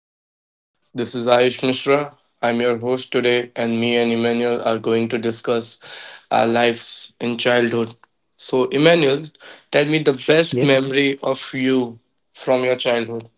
Subramani. This is Ayush Mishra. I'm your host today, and me and Emmanuel are going to discuss our lives in childhood. So, Emmanuel, tell me the best Yes, memory of you from your childhood.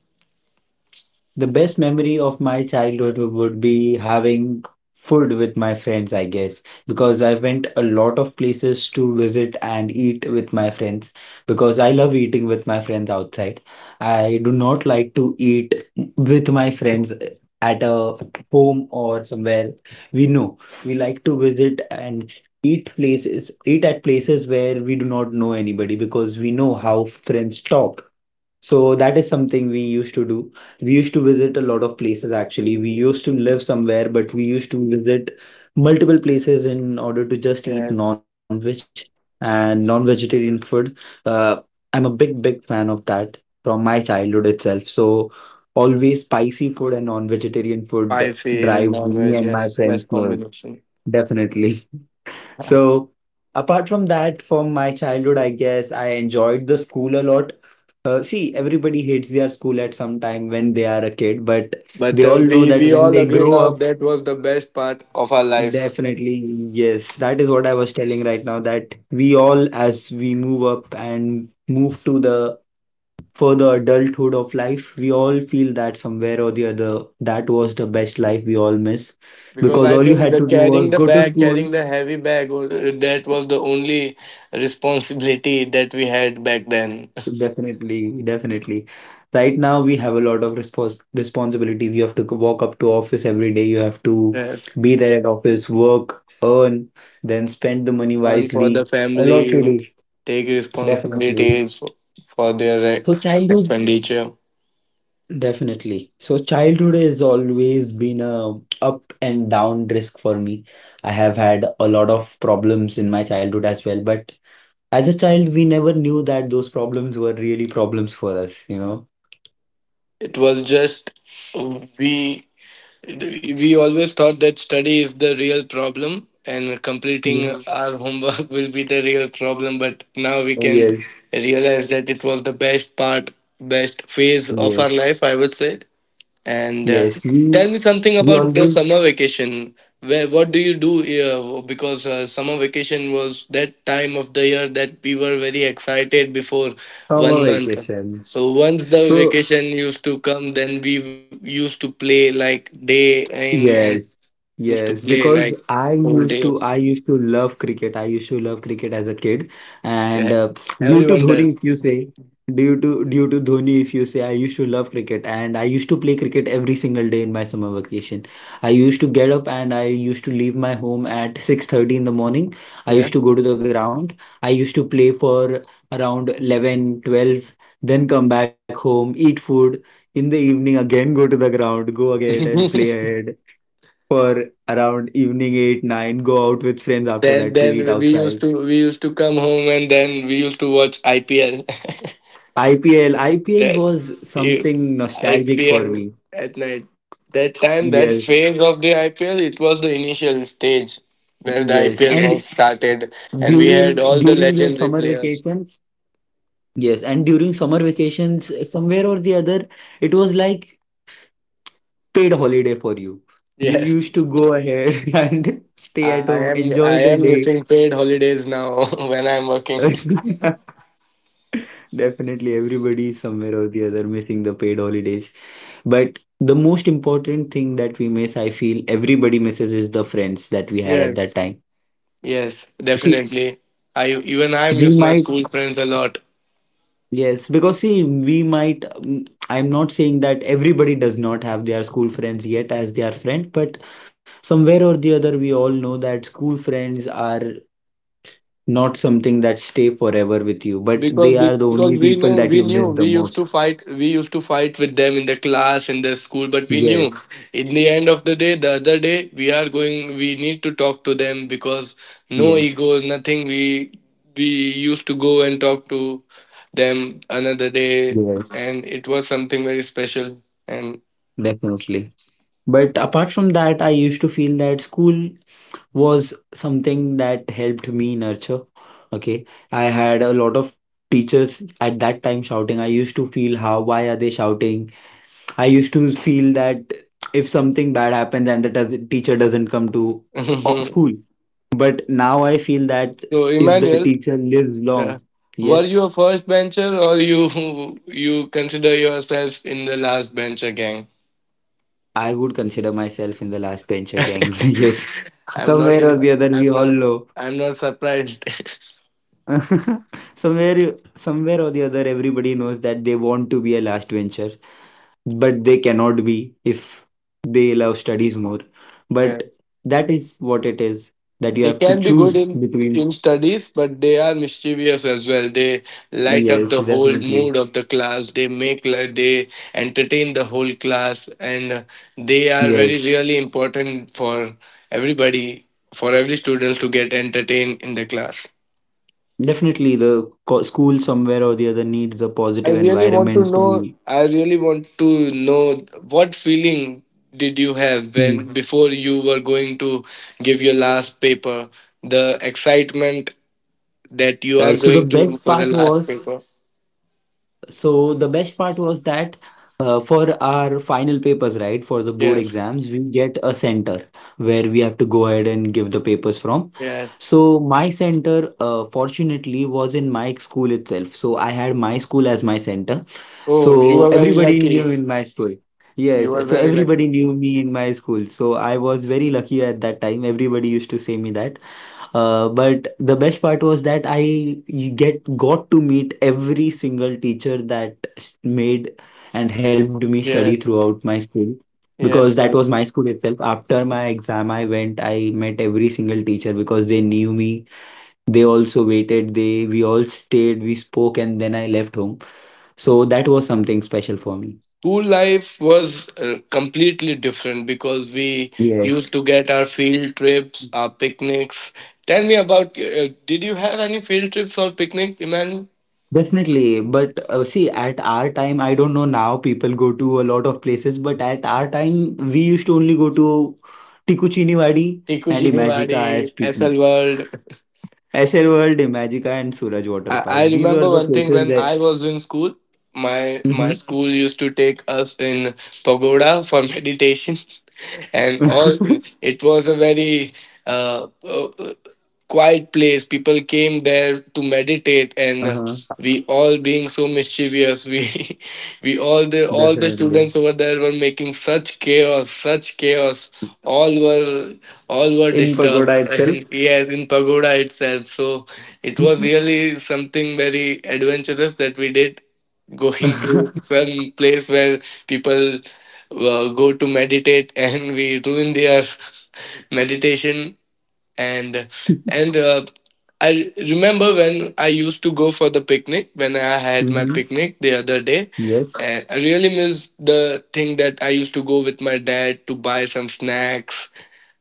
The best memory of my childhood would be having food with my friends, I guess, because I went a lot of places to visit and eat with my friends because I love eating with my friends outside. I do not like to eat with my friends at a home or somewhere we know. We like to visit and eat places, eat at places where we do not know anybody because we know how friends talk. So that is something we used to do. We used to visit a lot of places actually. We used to live somewhere, but we used to visit multiple places in order to just eat Yes, non-veg and non-vegetarian food. Uh, I'm a big fan of that from my childhood itself. So always spicy food and non-vegetarian food spicy in drive me non-veg. and my Yes, friends best love, combination. definitely. So apart from that, from my childhood, I guess I enjoyed the school a lot. See, everybody hates their school at some time when they are a kid, but But they all uh, know we that we when all they agree grow now up, that was the best part of our life definitely, yes. That is what I was telling right now that we all, as we move up and move to the further adulthood of life, we all feel that somewhere or the other, that was the best life we all miss. because Because I all you think had the to do carrying was the go to bag, school. carrying the heavy bag, that was the only responsibility that we had back then. Definitely, definitely. Right now, we have a lot of responsibilities. You have to walk up to office every day. You have to Yes. be there at office, work, earn, then spend the money And for the wisely. A lot to family do. take Definitely. responsibilities for their So childhood, expenditure. definitely. So childhood has always been a up and down risk for me. I have had a lot of problems in my childhood as well, but as a child, we never knew that those problems were really problems for us, you It was just we we always thought that study is the real problem and completing know. our homework will be the real problem, but now we can Yes. realize that it was the best phase of Yes, our life, I would say. And yes, we Tell me something we about the always summer vacation. Where what do you do here? Because summer vacation was that time of the year that we were very excited before have a 1 month. vacation. So once the So vacation used to come, then we used to play like day in and yes, used to yes, play like because I whole used day. to I used to love cricket. I used to love cricket as a kid, Yes, and due everyone to does. Dhoni, if you say, due to Dhoni, if you say, I used to love cricket, and I used to play cricket every single day in my summer vacation. I used to get up and I used to leave my home at 6:30 in the morning. I Yeah. used to go to the ground. I used to play for around 11, 12, then come back home, eat food. In the evening, again go to the ground, go ahead and play ahead for around evening 8, 9, go out with friends after that then to then eat we outside. used to we used to come home and then we used to watch IPL. IPL that was i- something nostalgic for IPL me, at night. That time, that yes, phase of the IPL, it was the initial stage where the yes, and IPL was started, and we during had all during the your summer legendary players. vacations, yes, and during summer vacations somewhere or the other, it was like paid holiday for you. You used Yes, to go ahead and stay at I home, am. enjoy I the am missing paid holidays now when I am working. day. Definitely, everybody is somewhere or the other missing the paid holidays. But the most important thing that we miss, I feel everybody misses, is the friends that we had at Yes, that time. yes, See, definitely. I we miss my might, school friends a lot. yes, because see, we might, I'm not saying that everybody does not have their school friends yet as their friend, but somewhere or the other, we all know that school friends are not something that stay forever with you, but Because they are the because we only knew people we that knew you we miss the used to most. Fight with them in the class in the school, but we knew Yes, in the end of the day, the other day we are going, we need to talk to them because no yes, egos, nothing. We used to go and talk to them another day. Mhm. yes. And it was something very special. And Definitely. But apart from that, I used to feel that school was something that helped me nurture. Okay. I had a lot of teachers at that time shouting. I used to feel how, why are they shouting? I used to feel that if something bad happens and the teacher doesn't come to school. But now I feel that so if the Emmanuel, teacher lives long, uh, yes, were you a first bencher, or you you consider yourself in the last bencher gang? I would consider myself in the last bencher gang. Yes. I'm Somewhere not or in, the other, we I'm all not know. I'm not surprised. somewhere somewhere or the other everybody knows that they want to be a last venture but they cannot be if they love studies more, but Yeah. that is what it is, that you They have to can be good choose in between. Studies, but they are mischievous as well. They light up Yes, the whole definitely, mood of the class. They entertain the whole class, and they are yes, very really important for everybody, for every student to get entertained in the class. definitely the school somewhere or the other needs a positive environment to. I really want to know what feeling did you have Mm. when before you were going to give your last paper? The excitement that you uh, are so the going to best for the part last was paper. So the best part was that, for our final papers, right, for the board Yes, exams, we get a center where we have to go ahead and give the papers from. yes. So my center, fortunately, was in my school itself. So I had my school as my center. Oh, you So are very everybody knew lucky. in my school. Yes, You are so very everybody lucky. knew me in my school. So I was very lucky at that time. Everybody used to say me that. But the best part was that I get got to meet every single teacher that made and helped me study Yes, throughout my school because yes, that was yes. my school itself. After my exam, I went, I met every single teacher because they knew me. They also waited, they we all stayed, we spoke, and then I left home. So that was something special for me. School life was completely different because we Yes. used to get our field trips, our picnics. Tell me about, did you have any field trips or picnic, Iman? Definitely, but see, at our time, I don't know now, people go to a lot of places, but at our time, we used to only go to Tiruchirappalli and Tikuji Imagica Niwadi, as picnic. SL World. SL World, Imagica, and Suraj Water I, Park. I These were remember the one thing places when that. I was in school, my Mhm. school used to take us in pagoda for meditation, and all it was a very uh, uh, quiet place. People came there to meditate, and Uh-huh, we all being so mischievous. We all the definitely. students over there were making such chaos, such chaos. All were all were In disturbed, Pagoda itself. and yes, in pagoda itself. So it was really something very adventurous that we did, going to some place where people go to meditate, and we ruin their meditation. And and I remember when I used to go for the picnic, when I had my Hmm. picnic the other day, Yes. and I really miss the thing that I used to go with my dad to buy some snacks.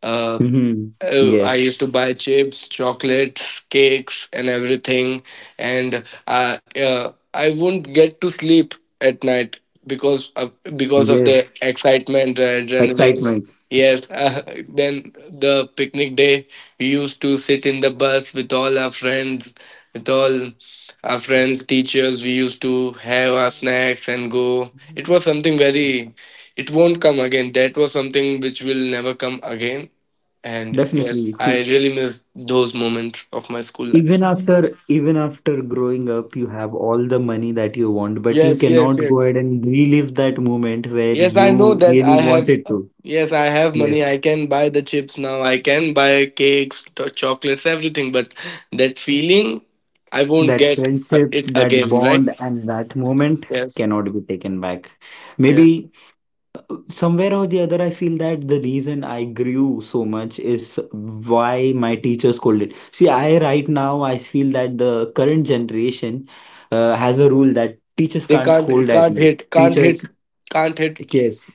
uh, Hmm. Yes. I used to buy chips, chocolates, cakes and everything. And I wouldn't get to sleep at night because of Yes. The excitement, the Excitement. adrenaline. Yes, then the picnic day, we used to sit in the bus with all our friends, with all teachers. We used to have our snacks and go. It Mhm. was something very, it won't come again. That was something which will never come again. And yes, Definitely. I See, really miss those moments of my school life. even after growing up, you have all the money that you want, but you Yes, yes, cannot yes. go ahead and relive that moment where Yes, I know you that really I have. wanted to. Yes, I have Yes, money. I can buy the chips now. I can buy cakes, chocolates, everything. But that feeling, I won't that get friendship, it that again, right? bond, and that moment Yes, cannot be taken back. yes. Maybe somewhere or the other, I feel that the reason I grew so much is why my teachers scolded. See, I right now I feel that the current generation has a rule that teachers They can't can't, scold at you. Teachers, can't hit. yes,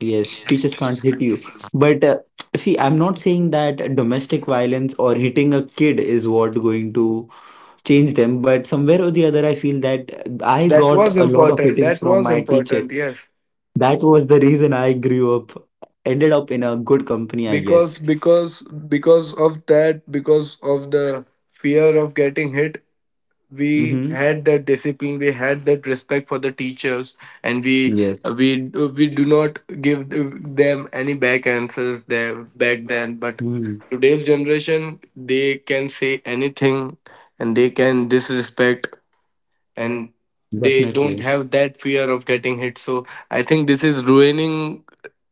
yes, teachers can't hit you. But see, I'm not saying that domestic violence or hitting a kid is what going to change them. But somewhere or the other, I feel that I That got was a lot of important. hittings That from was my teacher. important. Yes, That was the reason I grew up, ended up in a good company, I guess. because because of that, because of the fear of getting hit, we Mm-hmm. had that discipline, we had that respect for the teachers, and Yes. we we do not give them any back answers there back then. But Mm, today's generation, they can say anything and they can disrespect, and they don't definitely. have that fear of getting hit. So I think this is ruining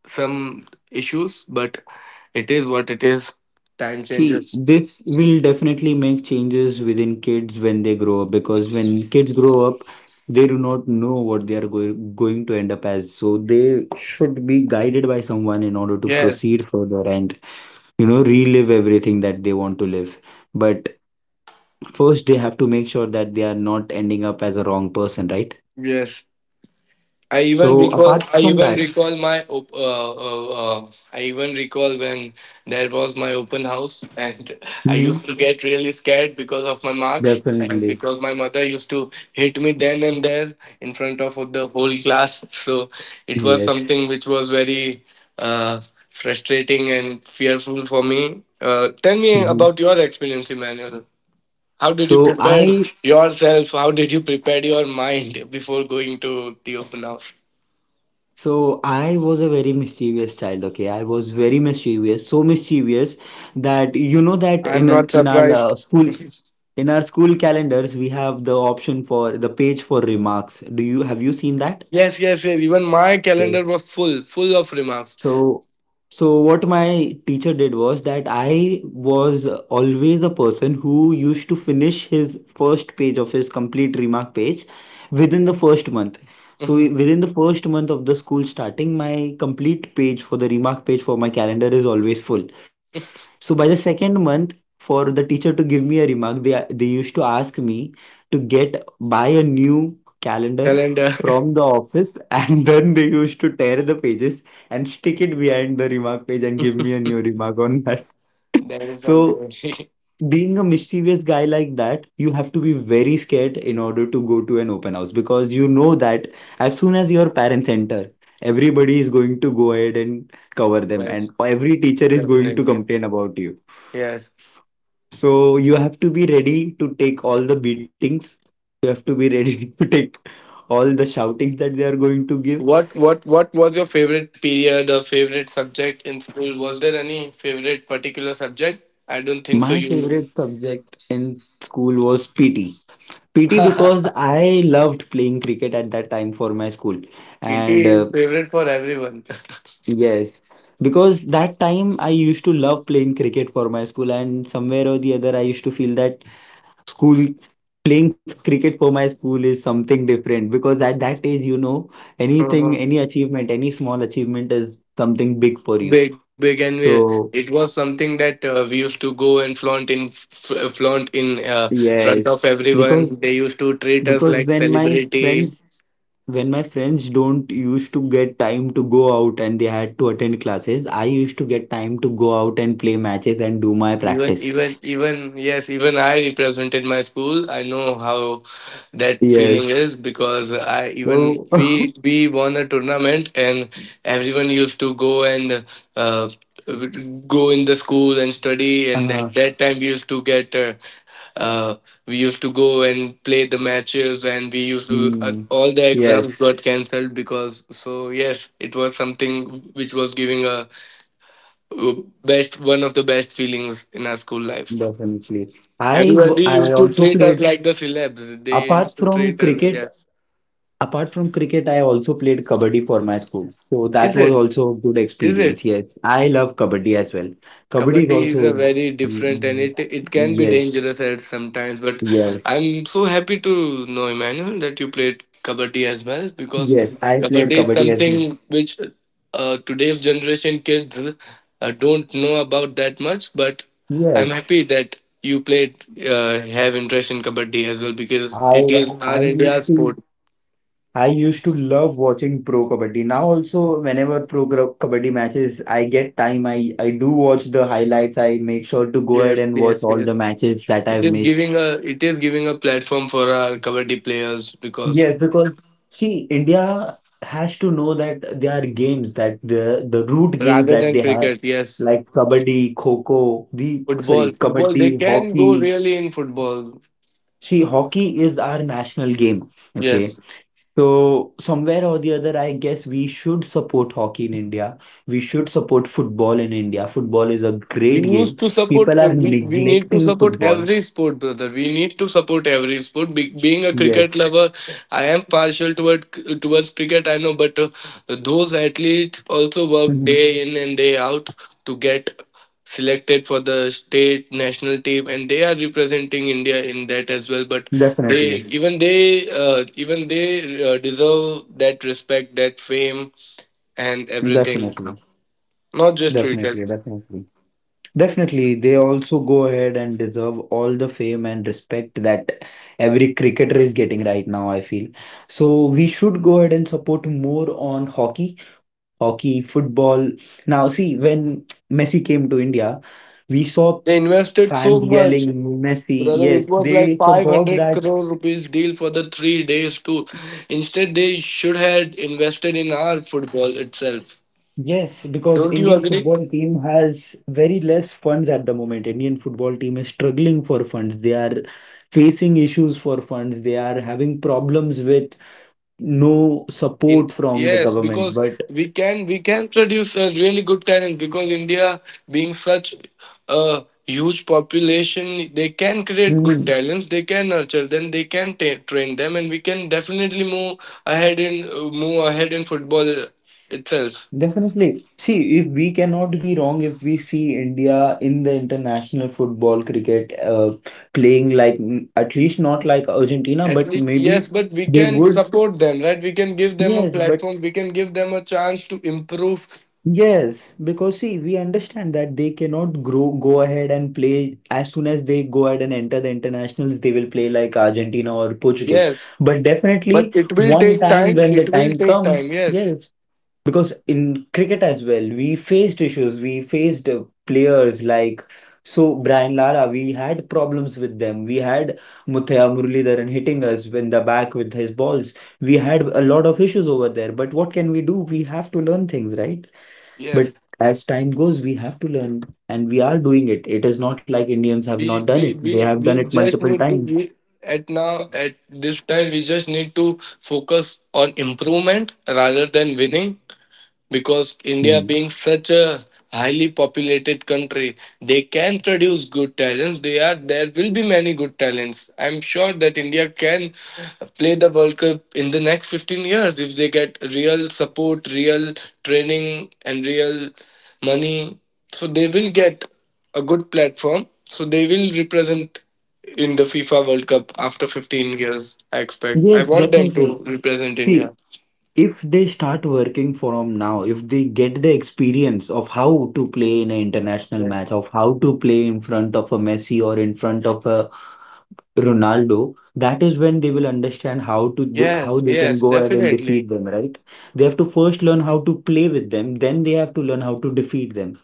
some issues, but it is what it is. Time See, changes. this will definitely make changes within kids when they grow up because when kids grow up, they do not know what they are going to end up as. So they should be guided by someone in order to Yes, proceed further and, you know, relive everything that they want to live. But first, they have to make sure that they are not ending up as a wrong person, right? yes. So apart I from even that, recall I even recall when there was my open house, and I mhm, used to get really scared because of my marks, and definitely, because my mother used to hit me then and there in front of the whole class. So it was yes. something which was very uh, frustrating and fearful for me. Tell me Hmm. about your experience, Emmanuel. How did you So prepare I yourself? How did you prepare your mind before going to the open house? So I was a very mischievous child, okay? I was very mischievous, so mischievous that you know that I'm in a, not in our surprised. school in our school calendars we have the option for the page for remarks. Do you have you seen that? Yes, yes, yes. Even my calendar was full of remarks. So, so what my teacher did was that I was always a person who used to finish his first page of his complete remark page within the first month. So Mhm. Within the first month of the school starting, my complete page for the remark page for my calendar is always full. So by the second month, for the teacher to give me a remark, they used to ask me to get buy a new calendar Calendar. from the office, and then they used to tear the pages and stick it behind the remark page and give me a new remark on that. That is So something. being a mischievous guy like that, you have to be very scared in order to go to an open house because you know that as soon as your parents enter, everybody is going to go ahead and cover them, and Yes, every teacher is going to definitely. complain about you. Yes. So you have to be ready to take all the beatings. You have to be ready to take all the shoutings that they are going to give. What was your favorite period or favorite subject in school? Was there any favorite particular subject? I don't think so. My You. favorite subject in school was PT. PT because I loved playing cricket at that time for my school. And PT is favorite for everyone. yes, because that time I used to love playing cricket for my school, and somewhere or the other, I used to feel that school playing cricket for my school is something different because at that age, anything, any achievement, any small achievement is something big for you. Big big and it So was something that we used to go and flaunt in yes, front of everyone. because They used to treat because us like when my celebrity. friends when my friends don't used to get time to go out and they had to attend classes, I used to get time to go out and play matches and do my Even practice. even even Yes, even I represented my school. I know how that Yes, feeling is because I even so we won a tournament, and everyone used to go and uh, go in the school and study. And at that time, we used to get uh, we used to go and play the matches, and we used to mm, all the exams yes, got cancelled because. So yes, it was something which was giving a best one of the best feelings in our school life. definitely. Everybody I used to also treat us played. like the celebs. They Apart used to from treat us like, cricket, yes, apart from cricket, I also played kabaddi for my school. So that is was it? also a good Is it? experience. Yes, I love kabaddi as well. Kabaddi is Kabaddi is a also. very different, and Mm, it can be yes, dangerous at sometimes. But yes, I'm so happy to know, Emmanuel, that you played kabaddi as well because yes. I played kabaddi is kabaddi as well. something which today's generation kids don't know about that much. But I'm Yes, happy that you played, have interest in kabaddi as well, because it I is our I used India's to sport. I used to love watching pro kabaddi. Now also, whenever kabaddi matches, I get time. I do watch the highlights. I make sure to go ahead Yes, and watch yes, all yes. the matches that It I've is missed. giving a it is giving a platform for our kabaddi players because Yes, because see, India has to know that there are games that the root games rather that than they have, cricket, yes. like kabaddi, kho-kho, the Football, sorry, football. They kabaddi, can go hockey. really in football. See, hockey is our national game. Okay, Yes. so somewhere or the other, I guess we should support hockey in India. We should support football in India. Football is a great game. People are We need to neglecting support football. every sport, brother. We need to support every sport. Being a Yes, cricket lover, I am towards cricket, I know, but those athletes also work day in and day out to get selected for the state national team, and they are representing India in that as well. But definitely, they even they even they deserve that respect, that fame and everything, definitely, not just cricket. definitely, definitely. Definitely, they also go ahead and deserve all the fame and respect that every cricketer is getting right now, I feel. So we should go ahead and support more on hockey, hockey, football. Now, see, when Messi came to India, we saw They invested so fans much, yelling Messi. brother. Yes, It was like they forgot 500 that. crore rupees deal for the 3 days, too. Instead, they should have invested in our football itself. Yes, because Don't you Indian agree? football team has very less funds at the moment. Indian football team is struggling for funds. They are facing issues for funds. They are having problems with no In, support from the yes, because government. But we can produce a really good talent because India being such a huge population, they can create mm, good talents. They can nurture them. They can ta train them, and we can definitely move ahead in football itself. definitely, see, if we cannot be wrong, if we see India in the international football cricket playing like at least not like Argentina, At but least yes, maybe but we they can would. support them, right? We can give them a Yes, but platform. We can give them a chance to improve. yes, because see, we understand that they cannot grow, go ahead and play as soon as they go ahead and enter the internationals, they will play like Argentina or Portugal. Yes, But but definitely, it will one take time time. when the It will time take time. comes, Yes, yes, because in cricket as well, we faced issues, we faced players like, so, Brian Lara, we had problems with them. We had Muthaiah Muralidharan hitting us in the back with his balls. We had a lot of issues over there. But what can we do? We have to learn things, right? But yes. as time goes, we have to learn, and we are doing it. It is not like Indians have not we done we it. They we have we done it just multiple need to times. we at now at this time we just need to focus on improvement rather than winning, because India Hmm. being such a highly populated country, they can produce good talents. They are There will be many good talents. I'm sure that India can play the World Cup in the next 15 years if they get real support, real training, and real money. So they will get a good platform. So they will represent in the FIFA World Cup after 15 years. I expect. I Yes, want them to definitely. represent India. See, if they start working from now, if they get the experience of how to play in an international Yes. match, of how to play in front of a Messi or in front of a Ronaldo, that is when they will understand how to do, how Yes, they yes, can go ahead and definitely. defeat them, right? They have to first learn how to play with them, then they have to learn how to defeat them.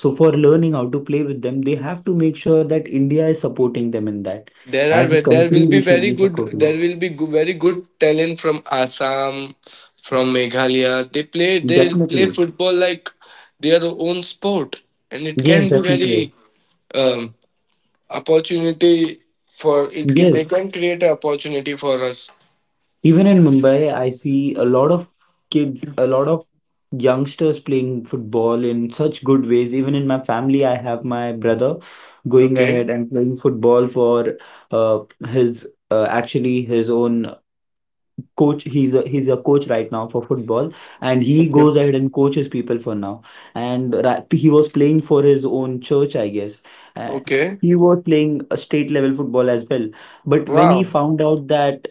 So for learning how to play with them, they have to make sure that India is supporting them in that. As a There country, will be we should very be good there supporting will be go- very good talent from Assam, from Meghalaya. They play them. they play Definitely. football like their own sport, and it can Yes, be very definitely. um, opportunity for it can they Yes. can create an opportunity for us. Even in Mumbai, I see a lot of kids, a lot of youngsters playing football in such good ways. Even in my family, I have my brother going Okay, ahead and playing football for uh, his actually his own coach. He's a coach right now for football, and he okay, goes ahead and coaches people for now. And he was playing for his own church, I guess. And okay. he was playing a state level football as well. But when he Wow, found out that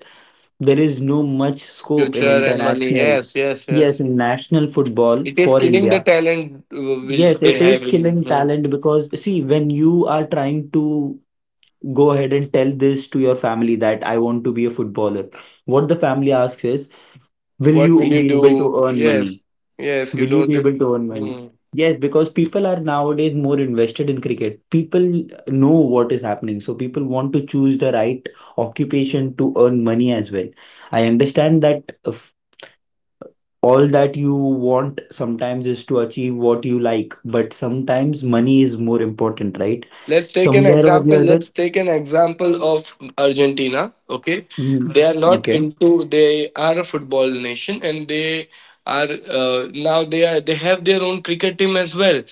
there is no much scope in future and money. international, Yes, yes, yes, yes. in national football It is for killing the India, talent which yes, they it have is killing in. talent because see, when you are trying to go ahead and tell this to your family that I want to be a footballer, what the family asks is, will What will you you be able to do? earn money? Yes, yes, you Will you don't. be Tell- able to earn money? Hmm. Yes, because people are nowadays more invested in cricket. People know what is happening. So people want to choose the right Hmm. occupation to earn money as well. I understand that if all that you want sometimes is to achieve what you like, but sometimes money is more important, right? let's take an Somewhere or example the other. let's take an example of Argentina. Okay, Mhm. they are not Okay. into, they are a football nation, and they are they have their own cricket team as well.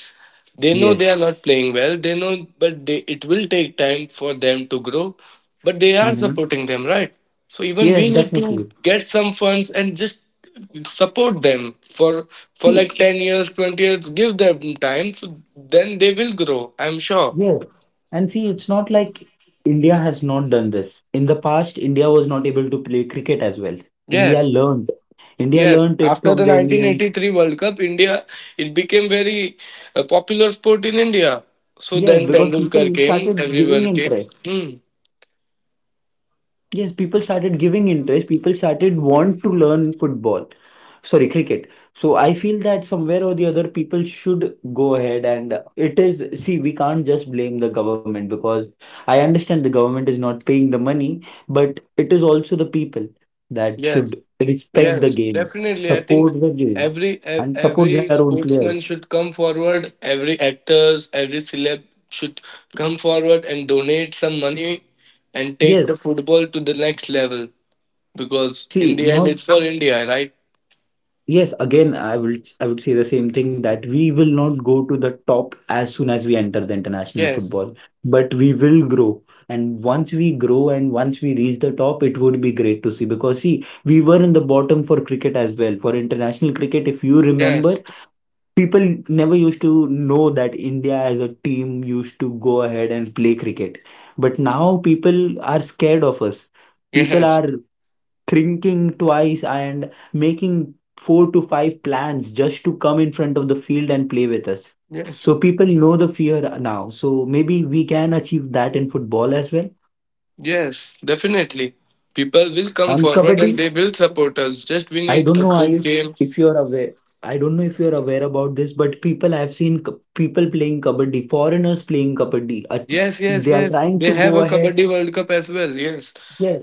They know Yes. they are not playing well, they know, but it will take time for them to grow, but they are Hmm. supporting them, right? So even Yes, we need to definitely. get some funds and just support them for See. like 10 years, 20 years, give them time, so then they will grow, I'm sure. Yes. And see, it's not like India has not done this. In the past, India was not able to play cricket as well. India Yes, learned. India yes. learned it After from the the England. 1983 World Cup, India, it became very popular sport in India. So Yes, then because Tendulkar people came, started giving everyone came. interest. Hmm. Yes, people started giving interest. People started want to learn football, sorry, cricket. So I feel that somewhere or the other, people should go ahead and it is. See, we can't just blame the government because I understand the government is not paying the money, but it is also the people that Yes, should respect the yes, game, definitely. I think support the game, and support every their own players. sportsman should come forward. Every actors, every celeb should come forward and donate some money and take the Yes, football to the next level. see, Because in not. the end, it's for India, right? Yes, again, I would say the same thing that we will not go to the top as soon as we enter the international Yes, football, but we will grow. And once we grow and once we reach the top, it would be great to see because see, we were in the bottom for cricket as well. For international cricket, if you remember, yes, people never used to know that India as a team used to go ahead and play cricket. But now people are scared of us. People yes, are thinking twice and making four to five plans just to come in front of the field and play with us. yes. So people know the fear now. So maybe we can achieve that in football as well. Yes, definitely. People will come On forward kabaddi, and they will support us. Just we I need don't a know good Ayush game. if you are aware. I don't know if you are aware about this, but people I've seen people playing kabaddi, foreigners playing kabaddi. Yes, yes, They are yes. trying They to have go a ahead. Kabaddi World Cup as well. Yes, Yes,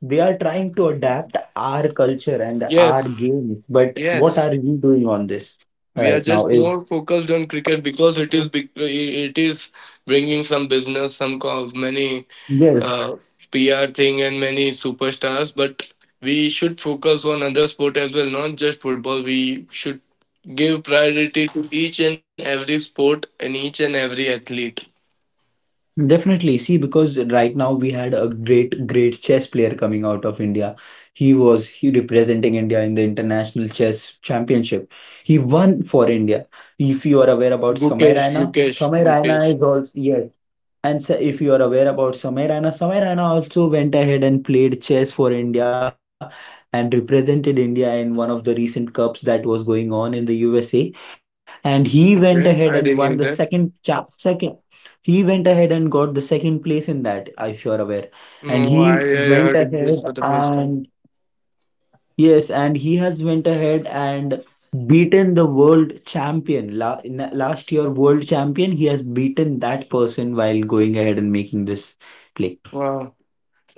they are trying to adapt our culture and yes, our games. But what yes. are we doing on this We are right now? just Is. more focused on cricket because it is big, it is bringing some business, many Yes, uh, pr thing and many superstars, but we should focus on other sport as well, not just football. We should give priority to each and every sport and each and every athlete. definitely. See, because right now we had a great, great chess player coming out of India. He representing India in the International Chess Championship. He won for India. If you are aware about Samir gukesh Raina, gukesh Samir gukesh Raina is also. Yes, and so if you are aware about Samir Raina, Samir Raina also went ahead and played chess for India and represented India in one of the recent cups that was going on in the USA. And he went Okay, ahead and I won didn't the hear that. Second. He went ahead and got the second place in that, if you are aware. And No he I, went I heard it ahead this for the first and time. yes, and he has went ahead and beaten the world champion. La In the last year world champion, he has beaten that person while going ahead and making this play. Wow.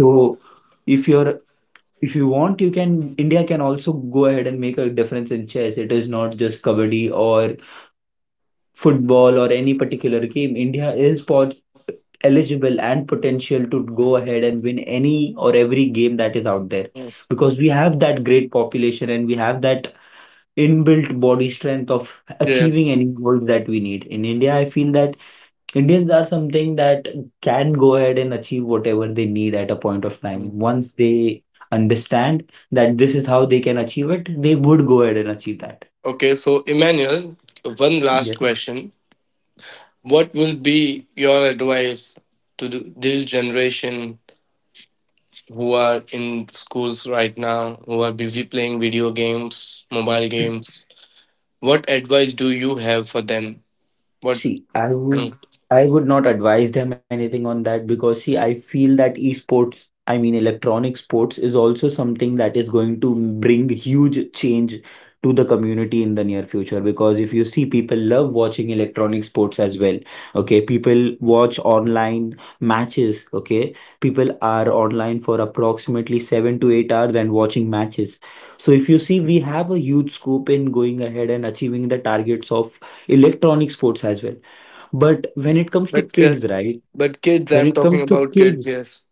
So if you're if you want, you can. India can also go ahead and make a difference in chess. It is not just kabaddi or football or any particular game. India is pot eligible and potential to go ahead and win any or every game that is out there Yes, because we have that great population and we have that inbuilt body strength of yes. achieving any goals that we need. In India, I feel that Indians are something that can go ahead and achieve whatever they need at a point of time. Once they understand that this is how they can achieve it, they would go ahead and achieve that. Okay, so Emmanuel, one last Yes. question. What will be your advice to this generation who are in schools right now, who are busy playing video games, mobile games? What advice do you have for them? What? See, I would Mm. I would not advise them anything on that because see, I feel that esports, I mean electronic sports is also something that is going to bring huge change to the community in the near future because if you see people love watching electronic sports as well. Okay, people watch online matches, okay? People are online for approximately 7 to 8 hours and watching matches. So if you see, we have a huge scope in going ahead and achieving the targets of electronic sports as well, but when it comes to But uh, kids, right? but kids, When I'm it talking comes to about kids. kids, Yes.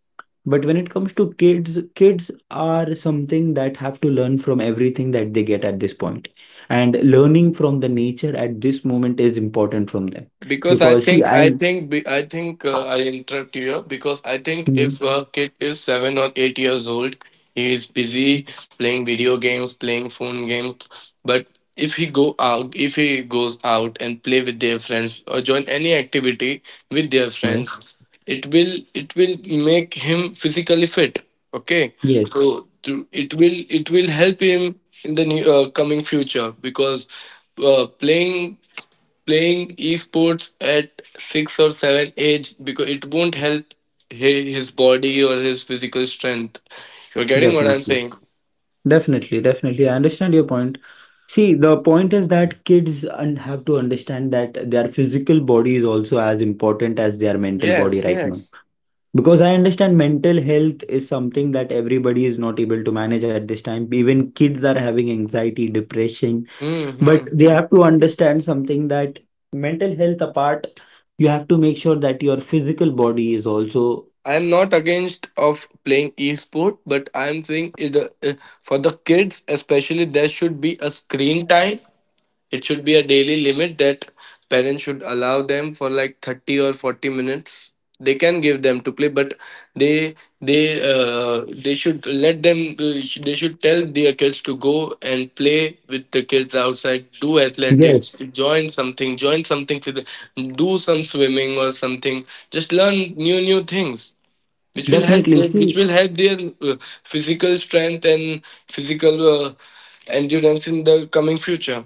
but when it comes to kids, kids are something that have to learn from everything that they get at this point. And learning from the nature at this moment is important from them. because i Because see, think I I'm. think be- I think I interrupt you here because I think if Hmm. a kid is 7 or 8 years old, he is busy playing video games, playing phone games, but if he goes out and play with their friends or join any activity with their No. friends, it will make him physically fit. Okay, Yes, it will help him in the coming future, because uh, playing playing esports at six or seven age, because it won't help his body or his physical strength. You're getting what I'm definitely. saying? Definitely, definitely. I understand your point. See, the point is that kids un have to understand that their physical body is also as important as their mental body Yes, right now. yes. Because I understand mental health is something that everybody is not able to manage at this time. Even kids are having anxiety, depression, but they Mm-hmm. have to understand something that mental health apart, you have to make sure that your physical body is also. I'm not against of playing esport, but I'm saying it, for the kids especially, there should be a screen time. It should be a daily limit that parents should allow them for like 30 or 40 minutes. They can give them to play, but they they should let them. They should tell their kids to go and play with the kids outside. Do athletics. Yes. Join something. Join something. Do some swimming or something. Just learn new things, which will help Definitely. See, their physical strength and physical endurance in the coming future.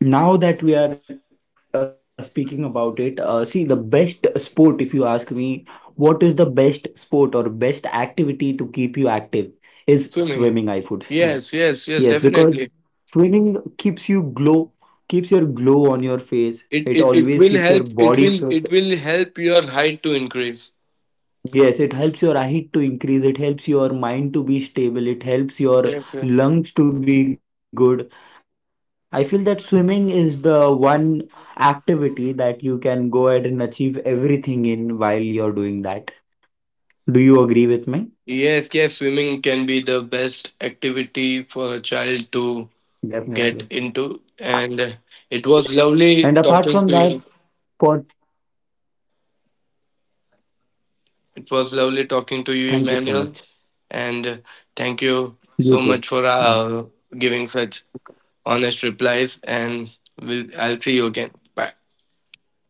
now that we are speaking about it, see, the best sport, if you ask me, what is the best sport or best activity to keep you active is swimming, I would Swimming, feel. yes, Yes, yes, because yes, definitely. swimming keeps you glow, keeps your glow on your face. It it, always it keeps it your will help body fit. It will help your height to increase. Yes, it helps your height to increase. It helps your mind to be stable. It helps your Yes, yes, lungs to be good. I feel that swimming is the one activity that you can go ahead and achieve everything in while you're doing that. Do you agree with me? yes, yes. Swimming can be the best activity for Definitely. a child to get Yes. into. And And apart from that, it was for lovely talking to you thank you it so was much. lovely talking to you, Emmanuel, and You too. thank you Mhm. so much for giving such honest replies. And I'll see you again. Bye. You too. Bye bye.